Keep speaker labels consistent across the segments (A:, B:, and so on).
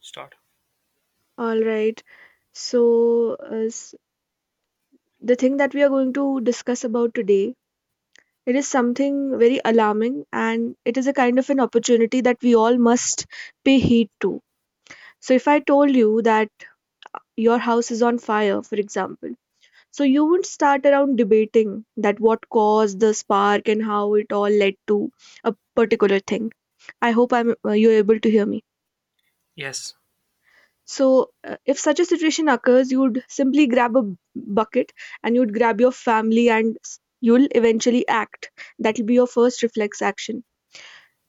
A: Start.
B: All right. So, uh, s- the thing that we are going to discuss about today, it is something very alarming and it is a kind of an opportunity that we all must pay heed to. So, if I told you that your house is on fire, for example, so you wouldn't start around debating that what caused the spark and how it all led to a particular thing. I hope I'm you're able to hear me.
A: Yes,
B: So, if such a situation occurs, you would simply grab a bucket and you'd grab your family and you'll eventually act. That'll be your first reflex action.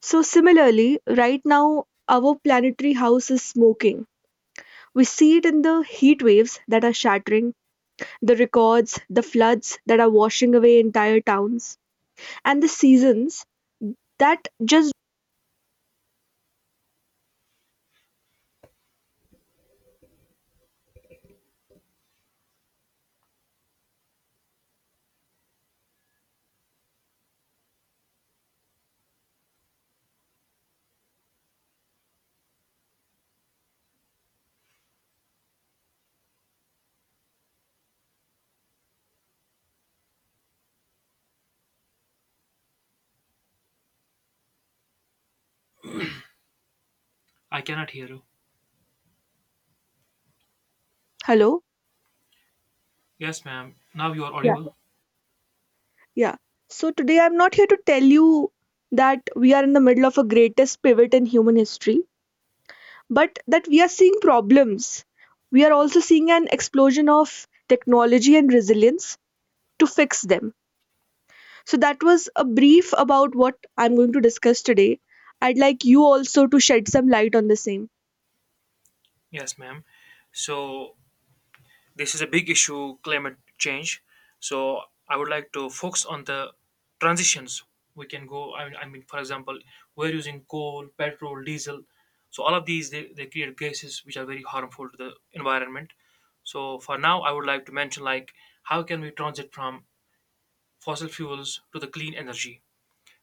B: So, similarly, right now, our planetary house is smoking. We see it in the heat waves that are shattering, the records, the floods that are washing away entire towns, and the seasons that just.
A: I cannot hear you.
B: Hello?
A: Yes, ma'am. Now you are audible.
B: Yeah. So today I'm not here to tell you that we are in the middle of a greatest pivot in human history, but that we are seeing problems. We are also seeing an explosion of technology and resilience to fix them. So that was a brief about what I'm going to discuss today. I'd like you also to shed some light on the same.
A: Yes, ma'am. So this is a big issue, climate change. So I would like to focus on the transitions. We can go. I mean, for example, we're using coal, petrol, diesel. So all of these they create gases which are very harmful to the environment. So for now, I would like to mention like how can we transit from fossil fuels to the clean energy.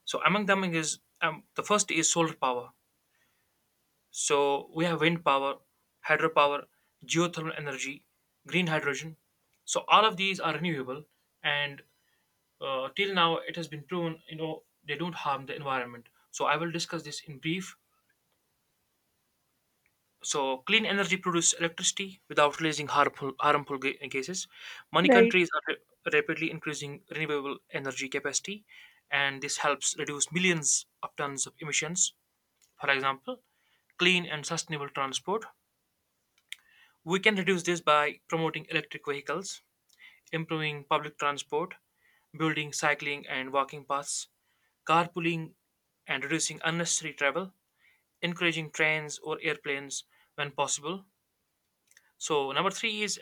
A: So among them is the first is solar power. So we have wind power, hydropower, geothermal energy, green hydrogen. So all of these are renewable, and till now it has been proven, they don't harm the environment. So I will discuss this in brief. So clean energy produces electricity without releasing harmful gases. Many
B: Right.
A: countries are rapidly increasing renewable energy capacity, and this helps reduce millions of tons of emissions. For example, clean and sustainable transport. We can reduce this by promoting electric vehicles, improving public transport, building cycling and walking paths, carpooling, and reducing unnecessary travel, encouraging trains or airplanes when possible. So, number three is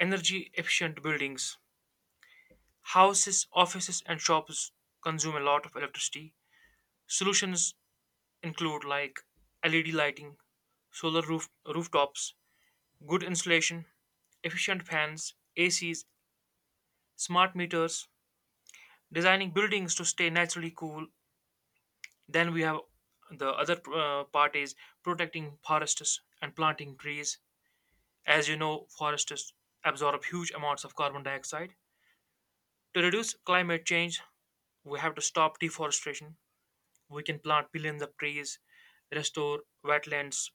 A: energy efficient buildings. Houses, offices, and shops consume a lot of electricity. Solutions include like LED lighting, solar roof, rooftops, good insulation, efficient fans, ACs, smart meters, designing buildings to stay naturally cool. Then we have the other part is protecting forests and planting trees. As you know, forests absorb huge amounts of carbon dioxide. To reduce climate change, we have to stop deforestation. We can plant billions of trees, restore wetlands,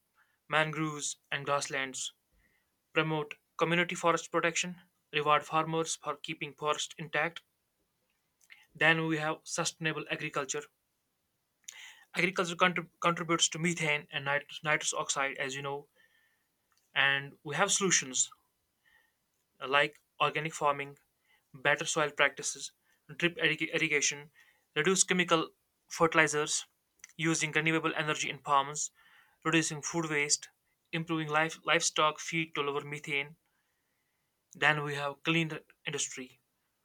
A: mangroves, and grasslands, promote community forest protection, reward farmers for keeping forests intact. Then we have sustainable agriculture. Agriculture contributes to methane and nitrous oxide, as you know, and we have solutions like organic farming, better soil practices, drip irrigation, reduce chemical fertilizers, using renewable energy in farms, reducing food waste, improving livestock feed to lower methane. Then we have clean industry.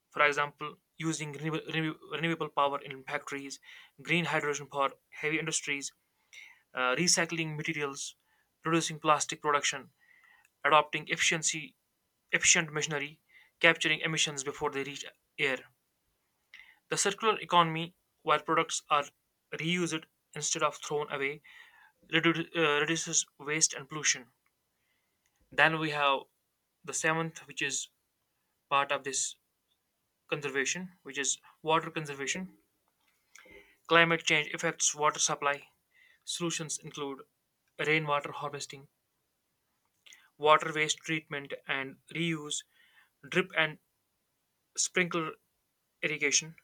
A: For example, using renewable power in factories, green hydrogen for heavy industries, recycling materials, reducing plastic production, adopting efficiency efficient machinery, capturing emissions before they reach air. The circular economy, where products are reused instead of thrown away, reduces waste and pollution. Then we have the seventh, which is part of this conservation, which is water conservation. Climate change affects water supply. Solutions include rainwater harvesting, water waste treatment and reuse, drip and sprinkler irrigation,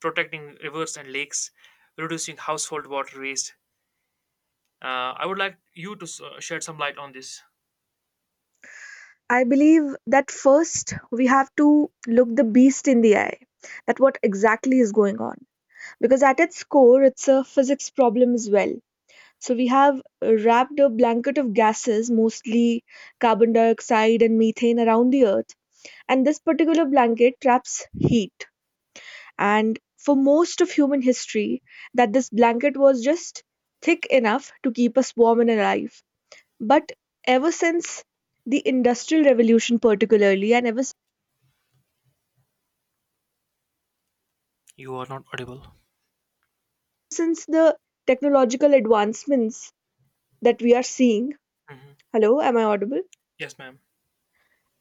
A: protecting rivers and lakes, reducing household water waste. I would like you to shed some light on this.
B: I believe that first we have to look the beast in the eye, that what exactly is going on. Because at its core, it's a physics problem as well. So we have wrapped a blanket of gases, mostly carbon dioxide and methane, around the Earth. And this particular blanket traps heat. And for most of human history, that this blanket was just thick enough to keep us warm and alive. But ever since the Industrial Revolution, particularly, and ever
A: You are not audible.
B: since the technological advancements that we are seeing,
A: Hmm.
B: hello, am I audible?
A: Yes, ma'am.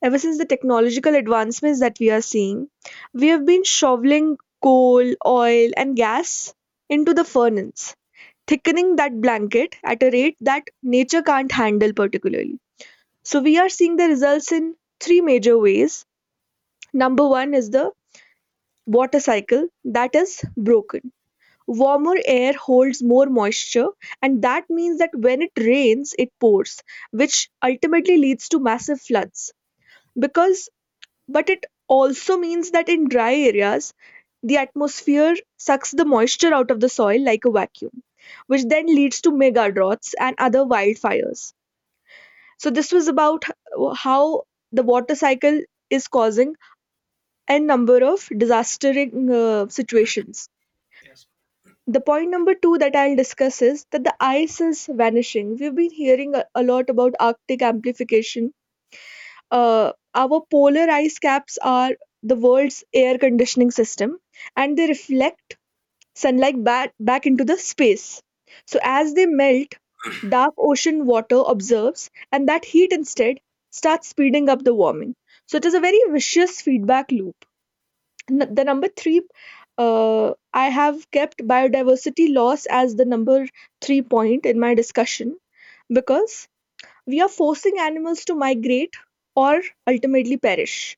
B: Ever since the technological advancements that we are seeing, we have been shoveling coal, oil, and gas into the furnace, thickening that blanket at a rate that nature can't handle, particularly. So, we are seeing the results in three major ways. Number one is the water cycle that is broken. Warmer air holds more moisture, and that means that when it rains, it pours, which ultimately leads to massive floods because but it also means that in dry areas, the atmosphere sucks the moisture out of the soil like a vacuum, which then leads to mega droughts and other wildfires. So, this was about how the water cycle is causing a number of disastering situations.
A: Yes.
B: The point number two that I'll discuss is that the ice is vanishing. We've been hearing a lot about Arctic amplification, our polar ice caps are the world's air conditioning system and they reflect sunlight back into the space. So,
A: Hmm.
B: as they melt, dark ocean water observes, and that heat instead starts speeding up the warming. So, it is a very vicious feedback loop. The number three, I have kept biodiversity loss as the number three point in my discussion because we are forcing animals to migrate or ultimately perish.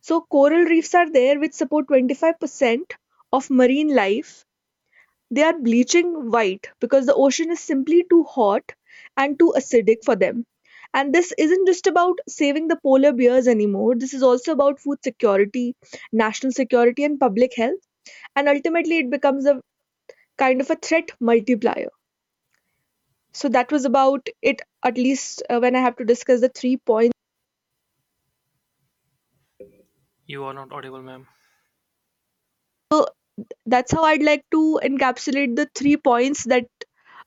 B: So coral reefs are there which support 25% of marine life. They are bleaching white because the ocean is simply too hot and too acidic for them. And this isn't just about saving the polar bears anymore. This is also about food security, national security, and public health. And ultimately, it becomes a kind of a threat multiplier. So, that was about it, at least when I have to discuss the three points.
A: You are not audible, ma'am.
B: So, that's how I'd like to encapsulate the three points that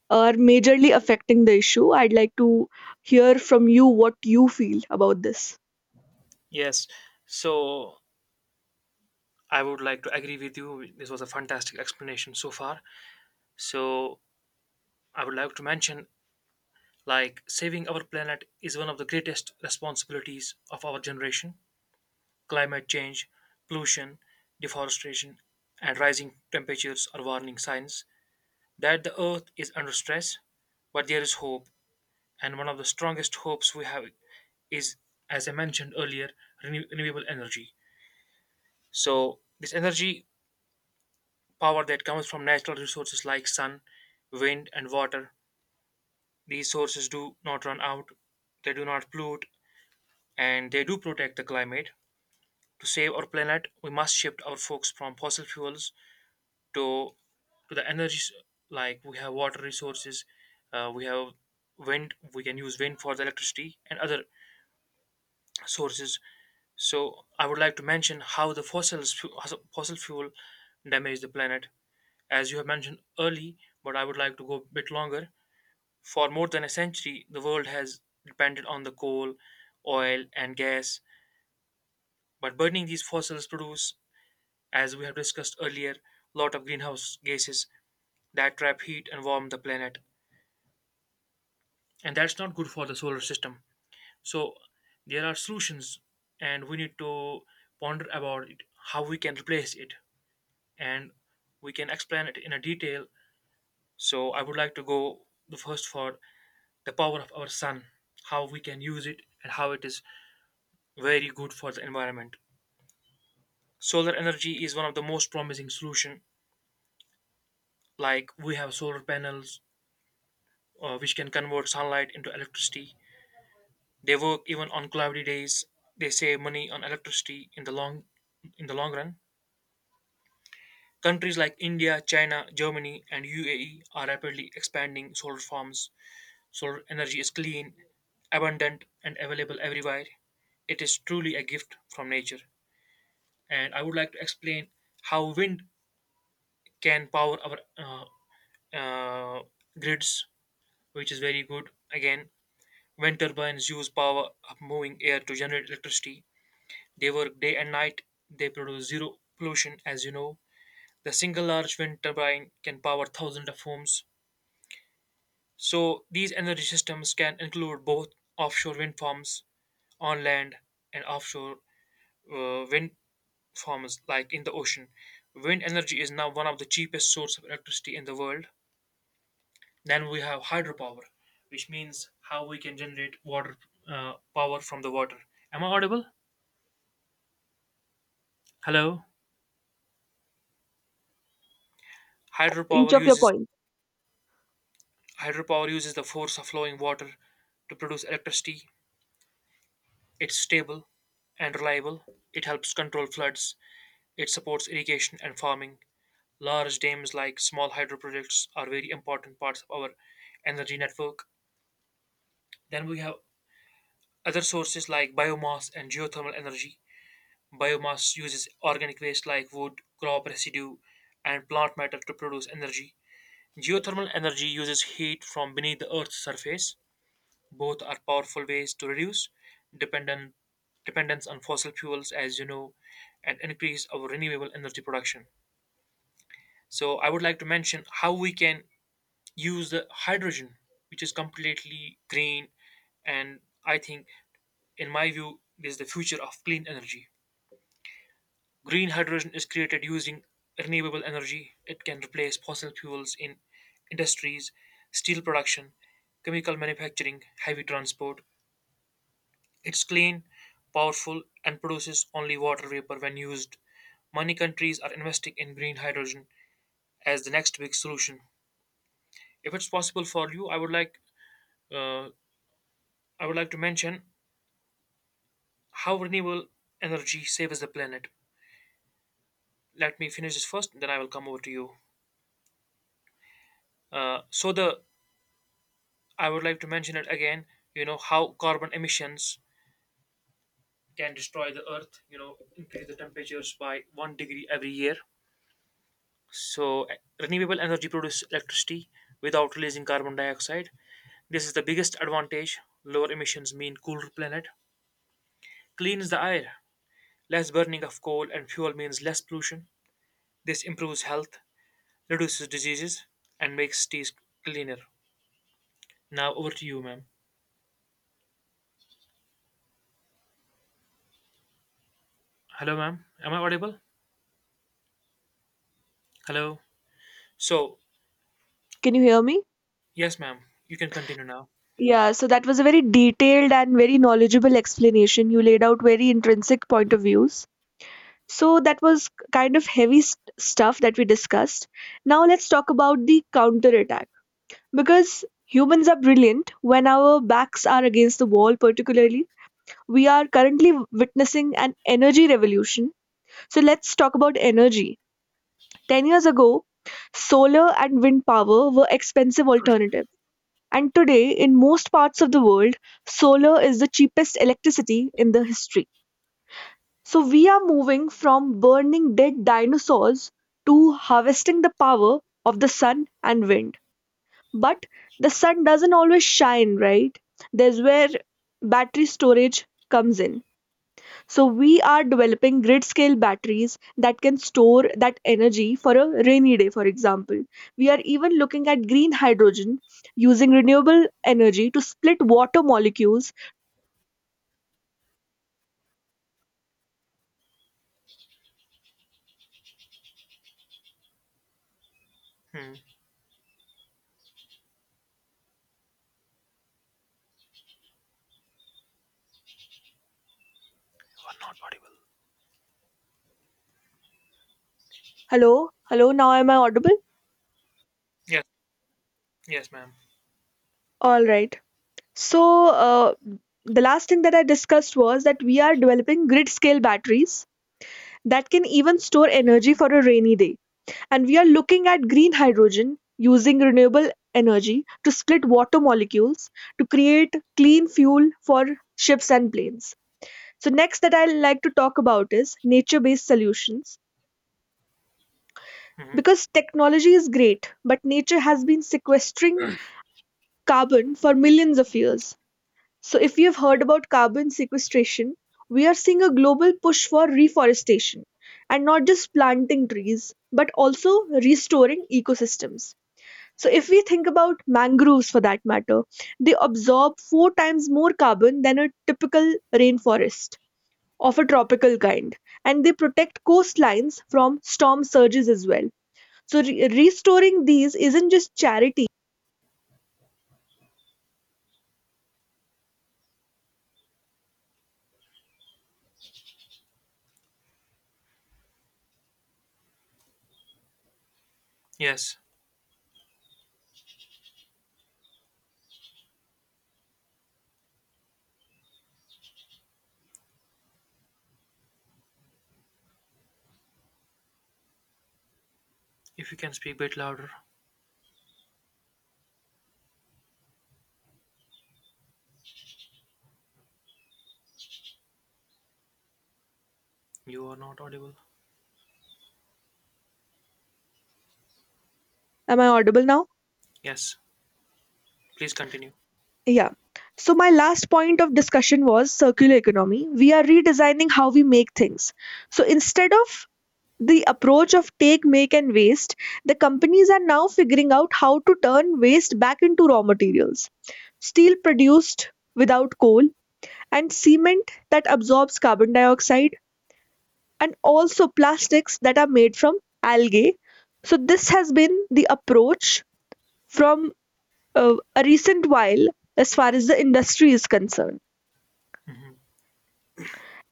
B: are majorly affecting the issue. I'd like to hear from you what you feel about this.
A: Yes. So I would like to agree with you. This was a fantastic explanation so far. So I would like to mention like saving our planet is one of the greatest responsibilities of our generation. Climate change, pollution, deforestation, and rising temperatures are warning signs that the earth is under stress, but there is hope, and one of the strongest hopes we have is, as I mentioned earlier, renewable energy. So, this energy power that comes from natural resources like sun, wind, and water, these sources do not run out, they do not pollute, and they do protect the climate. To save our planet, we must shift our focus from fossil fuels to the energies, like we have water resources, we have wind, we can use wind for the electricity and other sources. So I would like to mention how the fossil fuel damage the planet, as you have mentioned early, but I would like to go a bit longer. For more than a century, the world has depended on the coal, oil and gas, but burning these fossils produce, as we have discussed earlier, lot of greenhouse gases that trap heat and warm the planet, and that's not good for the solar system. So there are solutions, and we need to ponder about it, how we can replace it, and we can explain it in a detail. So I would like to go the first for the power of our sun, how we can use it and how it is very good for the environment. Solar energy is one of the most promising solution, like we have solar panels which can convert sunlight into electricity. They work even on cloudy days. They save money on electricity in the long run. Countries like India, China, Germany, and UAE are rapidly expanding solar farms. Solar energy is clean, abundant, and available everywhere. It is truly a gift from nature. And I would like to explain how wind can power our uh, grids, which is very good. Again, wind turbines use power of moving air to generate electricity. They work day and night. They produce zero pollution, as you know. The single large wind turbine can power thousands of homes. So these energy systems can include both offshore wind farms on land and offshore wind farms like in the ocean. Wind energy is now one of the cheapest source of electricity in the world. Then we have hydropower, which means how we can generate water power from the water. Am I audible? Hello.
B: Each
A: Hydropower
B: of your
A: uses
B: points.
A: Hydropower uses the force of flowing water to produce electricity. It's stable and reliable. It helps control floods. It supports irrigation and farming. Large dams like small hydro projects are very important parts of our energy network. Then we have other sources like biomass and geothermal energy. Biomass uses organic waste like wood, crop residue, and plant matter to produce energy. Geothermal energy uses heat from beneath the Earth's surface. Both are powerful ways to reduce dependent, dependence on fossil fuels, as you know, and increase our renewable energy production. So, I would like to mention how we can use the hydrogen, which is completely green, and I think, in my view, is the future of clean energy. Green hydrogen is created using renewable energy. It can replace fossil fuels in industries, steel production, chemical manufacturing, heavy transport. It's clean, powerful, and produces only water vapor when used. Many countries are investing in green hydrogen as the next big solution. If it's possible for you, uh, I would like to mention how renewable energy saves the planet. Let me finish this first, then I will come over to you. So the I would like to mention it again. You know how carbon emissions can destroy the earth. You know, increase the temperatures by 1 degree every year. So, renewable energy produces electricity without releasing carbon dioxide. This is the biggest advantage. Lower emissions mean cooler planet, cleans the air. Less burning of coal and fuel means less pollution. This improves health, reduces diseases, and makes cities cleaner. Now over to you, ma'am. Hello, ma'am. Am I audible? Hello. So,
B: Can you hear me?
A: yes, ma'am. You can continue now.
B: Yeah, so that was a very detailed and very knowledgeable explanation. You laid out very intrinsic point of views. So that was kind of heavy stuff that we discussed. Now let's talk about the counterattack. Because humans are brilliant when our backs are against the wall, particularly, we are currently witnessing an energy revolution. So let's talk about energy 10 years ago, solar and wind power were expensive alternatives. And today, in most parts of the world, solar is the cheapest electricity in the history. So we are moving from burning dead dinosaurs to harvesting the power of the sun and wind. But the sun doesn't always shine, right? There's where battery storage comes in. So we are developing grid scale batteries that can store that energy for a rainy day, for example. We are even looking at green hydrogen using renewable energy to split water molecules.
A: Hmm. You are not audible.
B: Hello, hello, now am I audible?
A: Yes. Yes, ma'am.
B: All right. So the last thing that I discussed was that we are developing grid scale batteries that can even store energy for a rainy day. And we are looking at green hydrogen using renewable energy to split water molecules to create clean fuel for ships and planes. So, next that I like to talk about is nature based solutions.
A: Hmm.
B: Because technology is great, but nature has been sequestering carbon for millions of years. So, if you've heard about carbon sequestration, we are seeing a global push for reforestation and not just planting trees, but also restoring ecosystems. So, if we think about mangroves for that matter, they absorb four times more carbon than a typical rainforest of a tropical kind, and they protect coastlines from storm surges as well. So, restoring these isn't just charity.
A: Yes. If you can speak a bit louder, you are not audible.
B: Am I audible now?
A: Yes, please continue.
B: Yeah. So, my last point of discussion was circular economy. We are redesigning how we make things. So, instead of the approach of take, make, and waste, the companies are now figuring out how to turn waste back into raw materials. Steel produced without coal, and cement that absorbs carbon dioxide, and also plastics that are made from algae. So, this has been the approach from a recent while as far as the industry is concerned.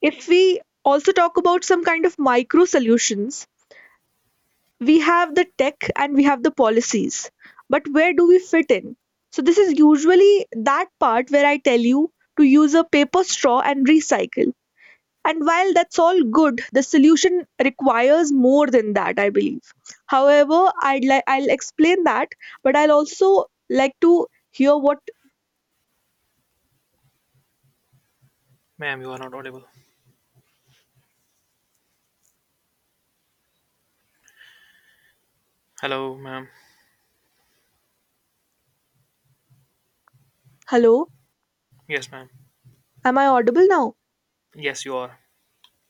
B: If we also talk about some kind of micro solutions, we have the tech and we have the policies, but where do we fit in? So this is usually that part where I tell you to use a paper straw and recycle, and while that's all good, the solution requires more than that, I believe. However, I'd like, I'll explain that, but I'll also like to hear what.
A: Ma'am, you are not audible. Hello, ma'am.
B: Hello,
A: Yes, ma'am.
B: am I audible now?
A: Yes, you are.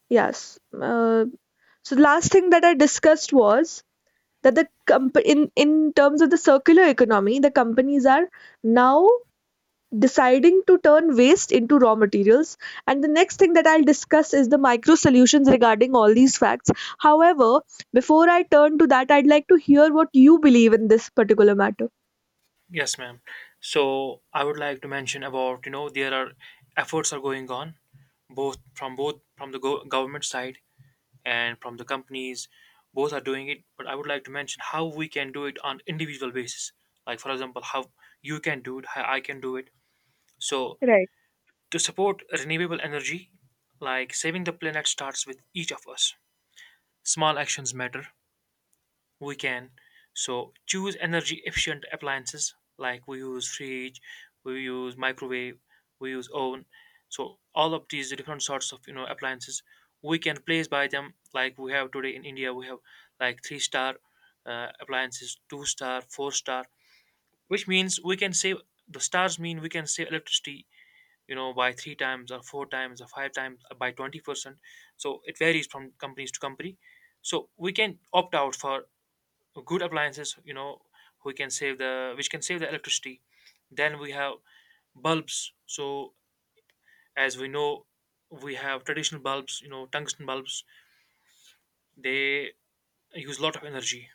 B: Yes. uh, so the last thing that I discussed was that the in terms of the circular economy, the companies are now deciding to turn waste into raw materials. And the next thing that I'll discuss is the micro solutions regarding all these facts. However, before I turn to that, I'd like to hear what you believe in this particular matter.
A: Yes, ma'am. So I would like to mention about, you know, there are efforts are going on both from the government side and from the companies. Both are doing it, but I would like to mention how we can do it on individual basis. Like for example, how you can do it, how I can do it. So
B: Right.
A: to support renewable energy, like saving the planet starts with each of us. Small actions matter. We can, so, choose energy efficient appliances, like we use fridge, we use microwave, we use oven, so all of these different sorts of appliances, we can place by them. Like we have today in India, we have like three star appliances, two star, four star, which means we can save the stars, mean we can save electricity, by three times or four times or five times or by 20%. So it varies from companies to company. So we can opt out for good appliances, who can save the which can save the electricity. Then we have bulbs. So as we know, we have traditional bulbs, tungsten bulbs, they use a lot of energy.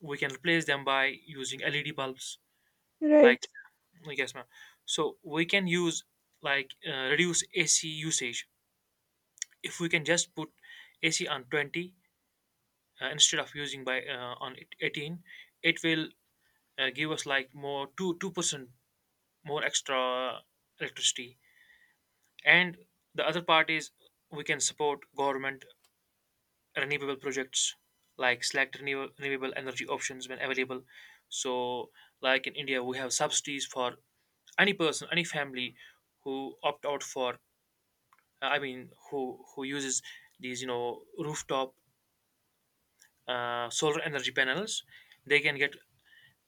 A: We can replace them by using LED bulbs like.
B: Right.
A: Yes, ma'am. So we can use reduce AC usage. If we can just put AC on 20, instead of using by on 18, it will give us like more 2% more extra electricity. And the other part is we can support government renewable projects, like select renewable energy options when available. So, like in India, we have subsidies for any person, any family who opt out for, I mean, who uses these, rooftop solar energy panels. They can get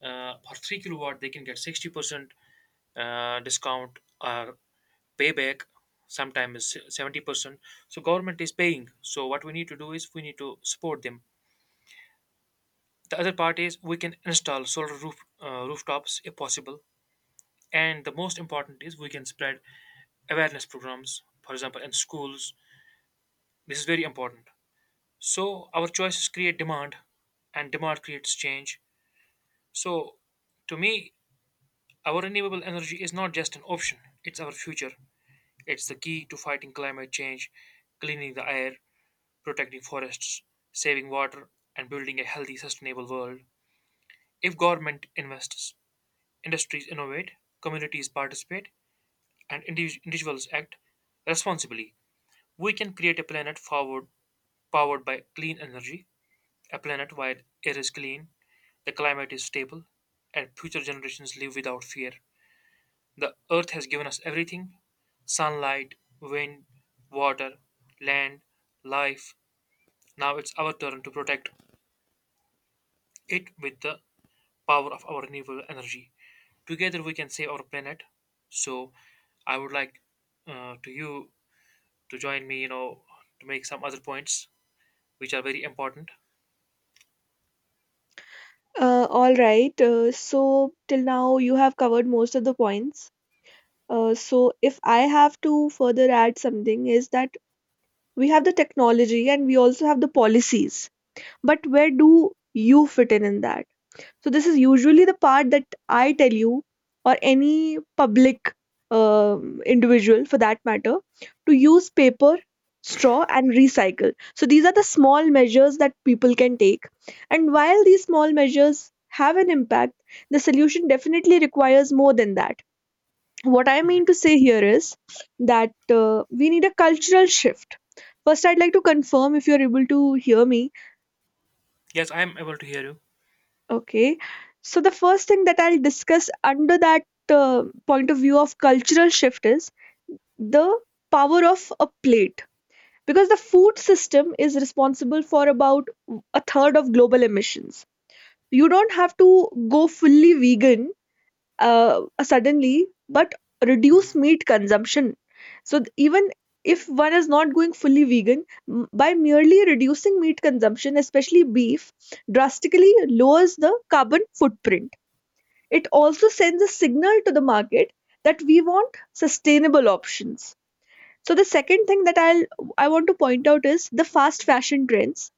A: for 3 kilowatt they can get 60% discount or payback, sometimes 70%. So government is paying, so what we need to do is we need to support them. The other part is we can install solar roof rooftops if possible. And the most important is we can spread awareness programs, for example in schools. This is very important. So our choices create demand and demand creates change. So to me, our renewable energy is not just an option, it's our future. It's the key to fighting climate change, cleaning the air, protecting forests, saving water, and building a healthy, sustainable world. If government invests, industries innovate, communities participate, and individuals act responsibly, we can create a planet forward, powered by clean energy, a planet where air is clean, the climate is stable, and future generations live without fear. The earth has given us everything: sunlight, wind, water, land, life. Now it's our turn to protect it with the power of our renewable energy. Together we can save our planet. So I would like to you to join me, you know, to make some other points which are very important.
B: All right. So till now you have covered most of the points. So if I have to further add something is that we have the technology and we also have the policies, but where do you fit in that? So this is usually the part that I tell you, or any public individual for that matter, to use paper straw and recycle. So these are the small measures that people can take, and while these small measures have an impact, the solution definitely requires more than that. What I
A: Mhm.
B: mean to say here is that we need a cultural shift. First I'd like to confirm if you're able to hear me.
A: Yes, I am able to hear you.
B: Okay. So the first thing that I'll discuss under that point of view of cultural shift is the power of a plate, because the food system is responsible for about a third of global emissions. You don't have to go fully vegan suddenly, but reduce
A: Hmm.
B: meat consumption. So even if one is not going fully vegan, by merely reducing meat consumption, especially beef, drastically lowers the carbon footprint. It also sends a signal to the market that we want sustainable options. So the second thing that I want to point out is the fast fashion trends,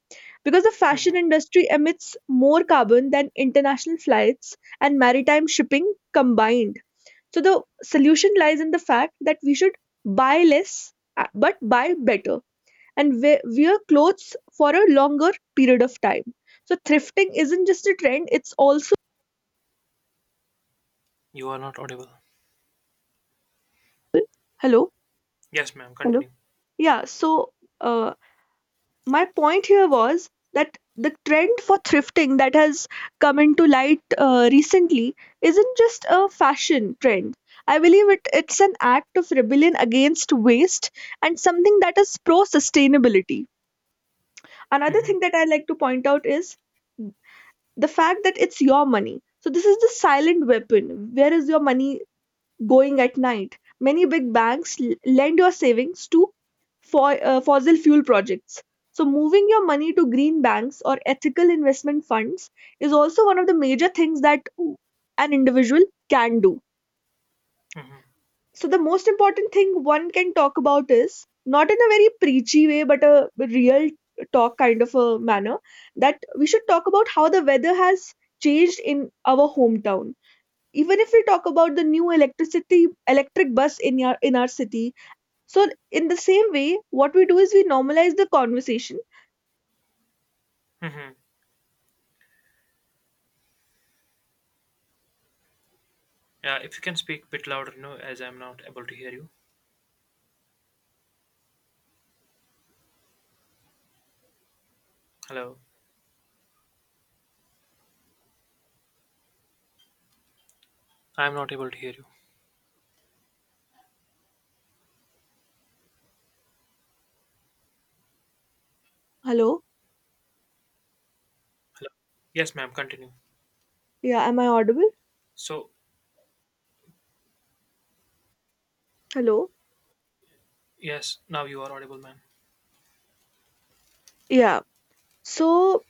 B: because the fashion
A: Hmm.
B: industry emits more carbon than international flights and maritime shipping combined. So the solution lies in the fact that we should buy less but buy better, and wear clothes for a longer period of time. So thrifting isn't just a trend, it's also
A: You are not audible.
B: hello.
A: Yes, ma'am, continue.
B: Yeah, so uh, my point here was that the trend for thrifting that has come into light recently isn't just a fashion trend. I believe it's an act of rebellion against waste and something that is pro sustainability. Another thing
A: Hmm.
B: that I like to point out is the fact that it's your money. So, this is the silent weapon. Where is your money going at night. Many big banks lend your savings to fossil fuel projects. So, moving your money to green banks or ethical investment funds is also one of the major things that an individual can do.
A: Hmm.
B: So, the most important thing one can talk about is not in a very preachy way, but a real talk kind of a manner, that we should talk about how the weather has changed in our hometown, even if we talk about the new electricity electric bus in our city. So in the same way what we do is we normalize the conversation.
A: Hmm. Yeah, if you can speak a bit louder, you know, as I'm not able to hear you. Hello. I'm not able to hear you.
B: Hello,
A: Hello. Yes, ma'am. Continue.
B: yeah, am I audible?
A: So,
B: Hello.
A: yes, now you are audible, ma'am.
B: Yeah. So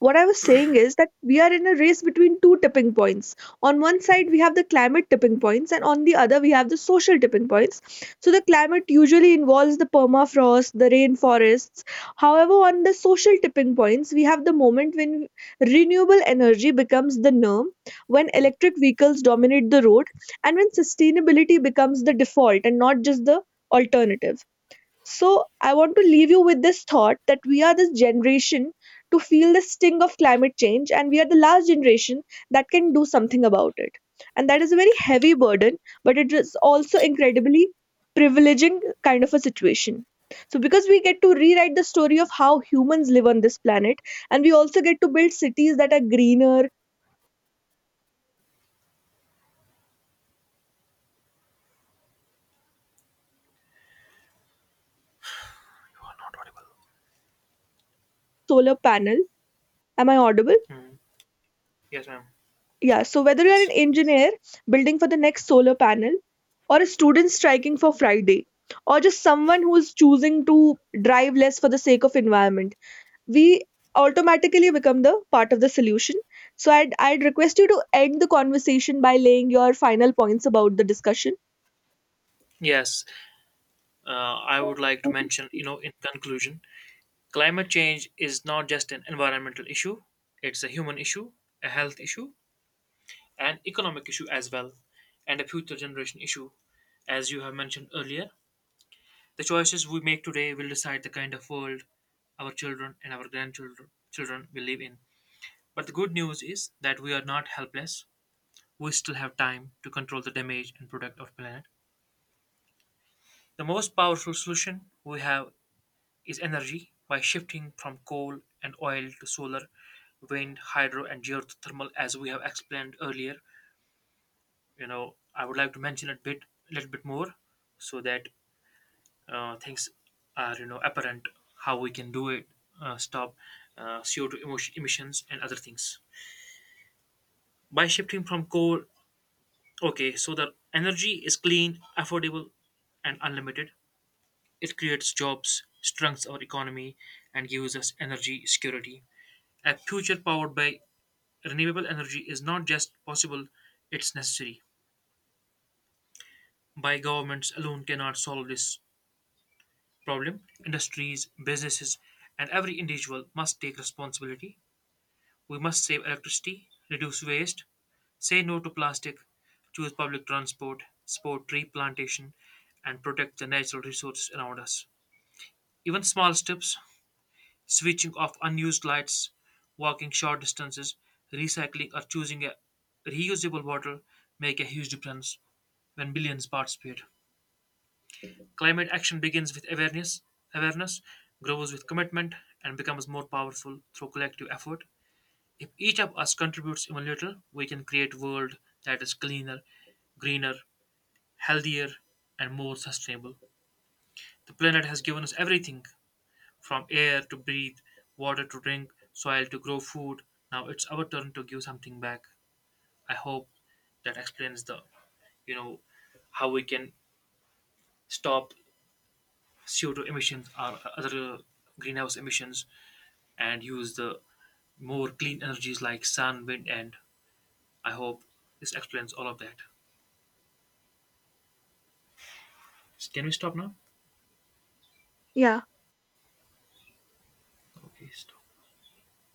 B: what I was saying is that we are in a race between two tipping points. On one side, we have the climate tipping points, and on the other, we have the social tipping points. So, the climate usually involves the permafrost, the rainforests. However, on the social tipping points, we have the moment when renewable energy becomes the norm, when electric vehicles dominate the road, and when sustainability becomes the default and not just the alternative. So, I want to leave you with this thought that we are this generation to feel the sting of climate change, and we are the last generation that can do something about it. And that is a very heavy burden, but it is also incredibly privileging kind of a situation. So, because we get to rewrite the story of how humans live on this planet, and we also get to build cities that are greener,
A: You are not audible.
B: solar panel. Am I audible?
A: Mhm. Yes, ma'am.
B: Yeah, so whether you're an
A: Yes.
B: engineer building for the next solar panel, or a student striking for Friday, or just someone who is choosing to drive less for the sake of environment, we automatically become the part of the solution. So I'd request you to end the conversation by laying your final points about the discussion.
A: Yes. I would like to mention, you know, in conclusion, climate change is not just an environmental issue, it's a human issue, a health issue, an economic issue as well, and a future generation issue, as you have mentioned earlier. The choices we make today will decide the kind of world our children and our grandchildren children will live in. But the good news is that we are not helpless. We still have time to control the damage and protect our planet. The most powerful solution we have is energy by shifting from coal and oil to solar, wind, hydro, and geothermal, as we have explained earlier. You know, I would like to mention a bit, a little bit more, so that things are, you know, apparent how we can do it. Stop CO2 emissions and other things by shifting from coal. Okay, so the energy is clean, affordable, and unlimited. It creates jobs, strengthens our economy, and gives us energy security. A future powered by renewable energy is not just possible, it's necessary. By governments alone cannot solve this problem. Industries, businesses, and every individual must take responsibility. We must save electricity, reduce waste, say no to plastic, choose public transport, support tree plantation, and protect the natural resources around us. Even small steps, switching off unused lights, walking short distances, recycling, or choosing a reusable bottle, make a huge difference when billions participate. Climate action begins with awareness, awareness grows with commitment, and becomes more powerful through collective effort. If each of us contributes even little, we can create a world that is cleaner, greener, healthier, and more sustainable. The planet has given us everything, from air to breathe, water to drink, soil to grow food. Now it's our turn to give something back. I hope that explains the, you know, how we can stop CO2 emissions or other greenhouse emissions and use the more clean energies like sun, wind, and I hope this explains all of that. Can we stop now?
B: Yeah.
A: Okay, stop.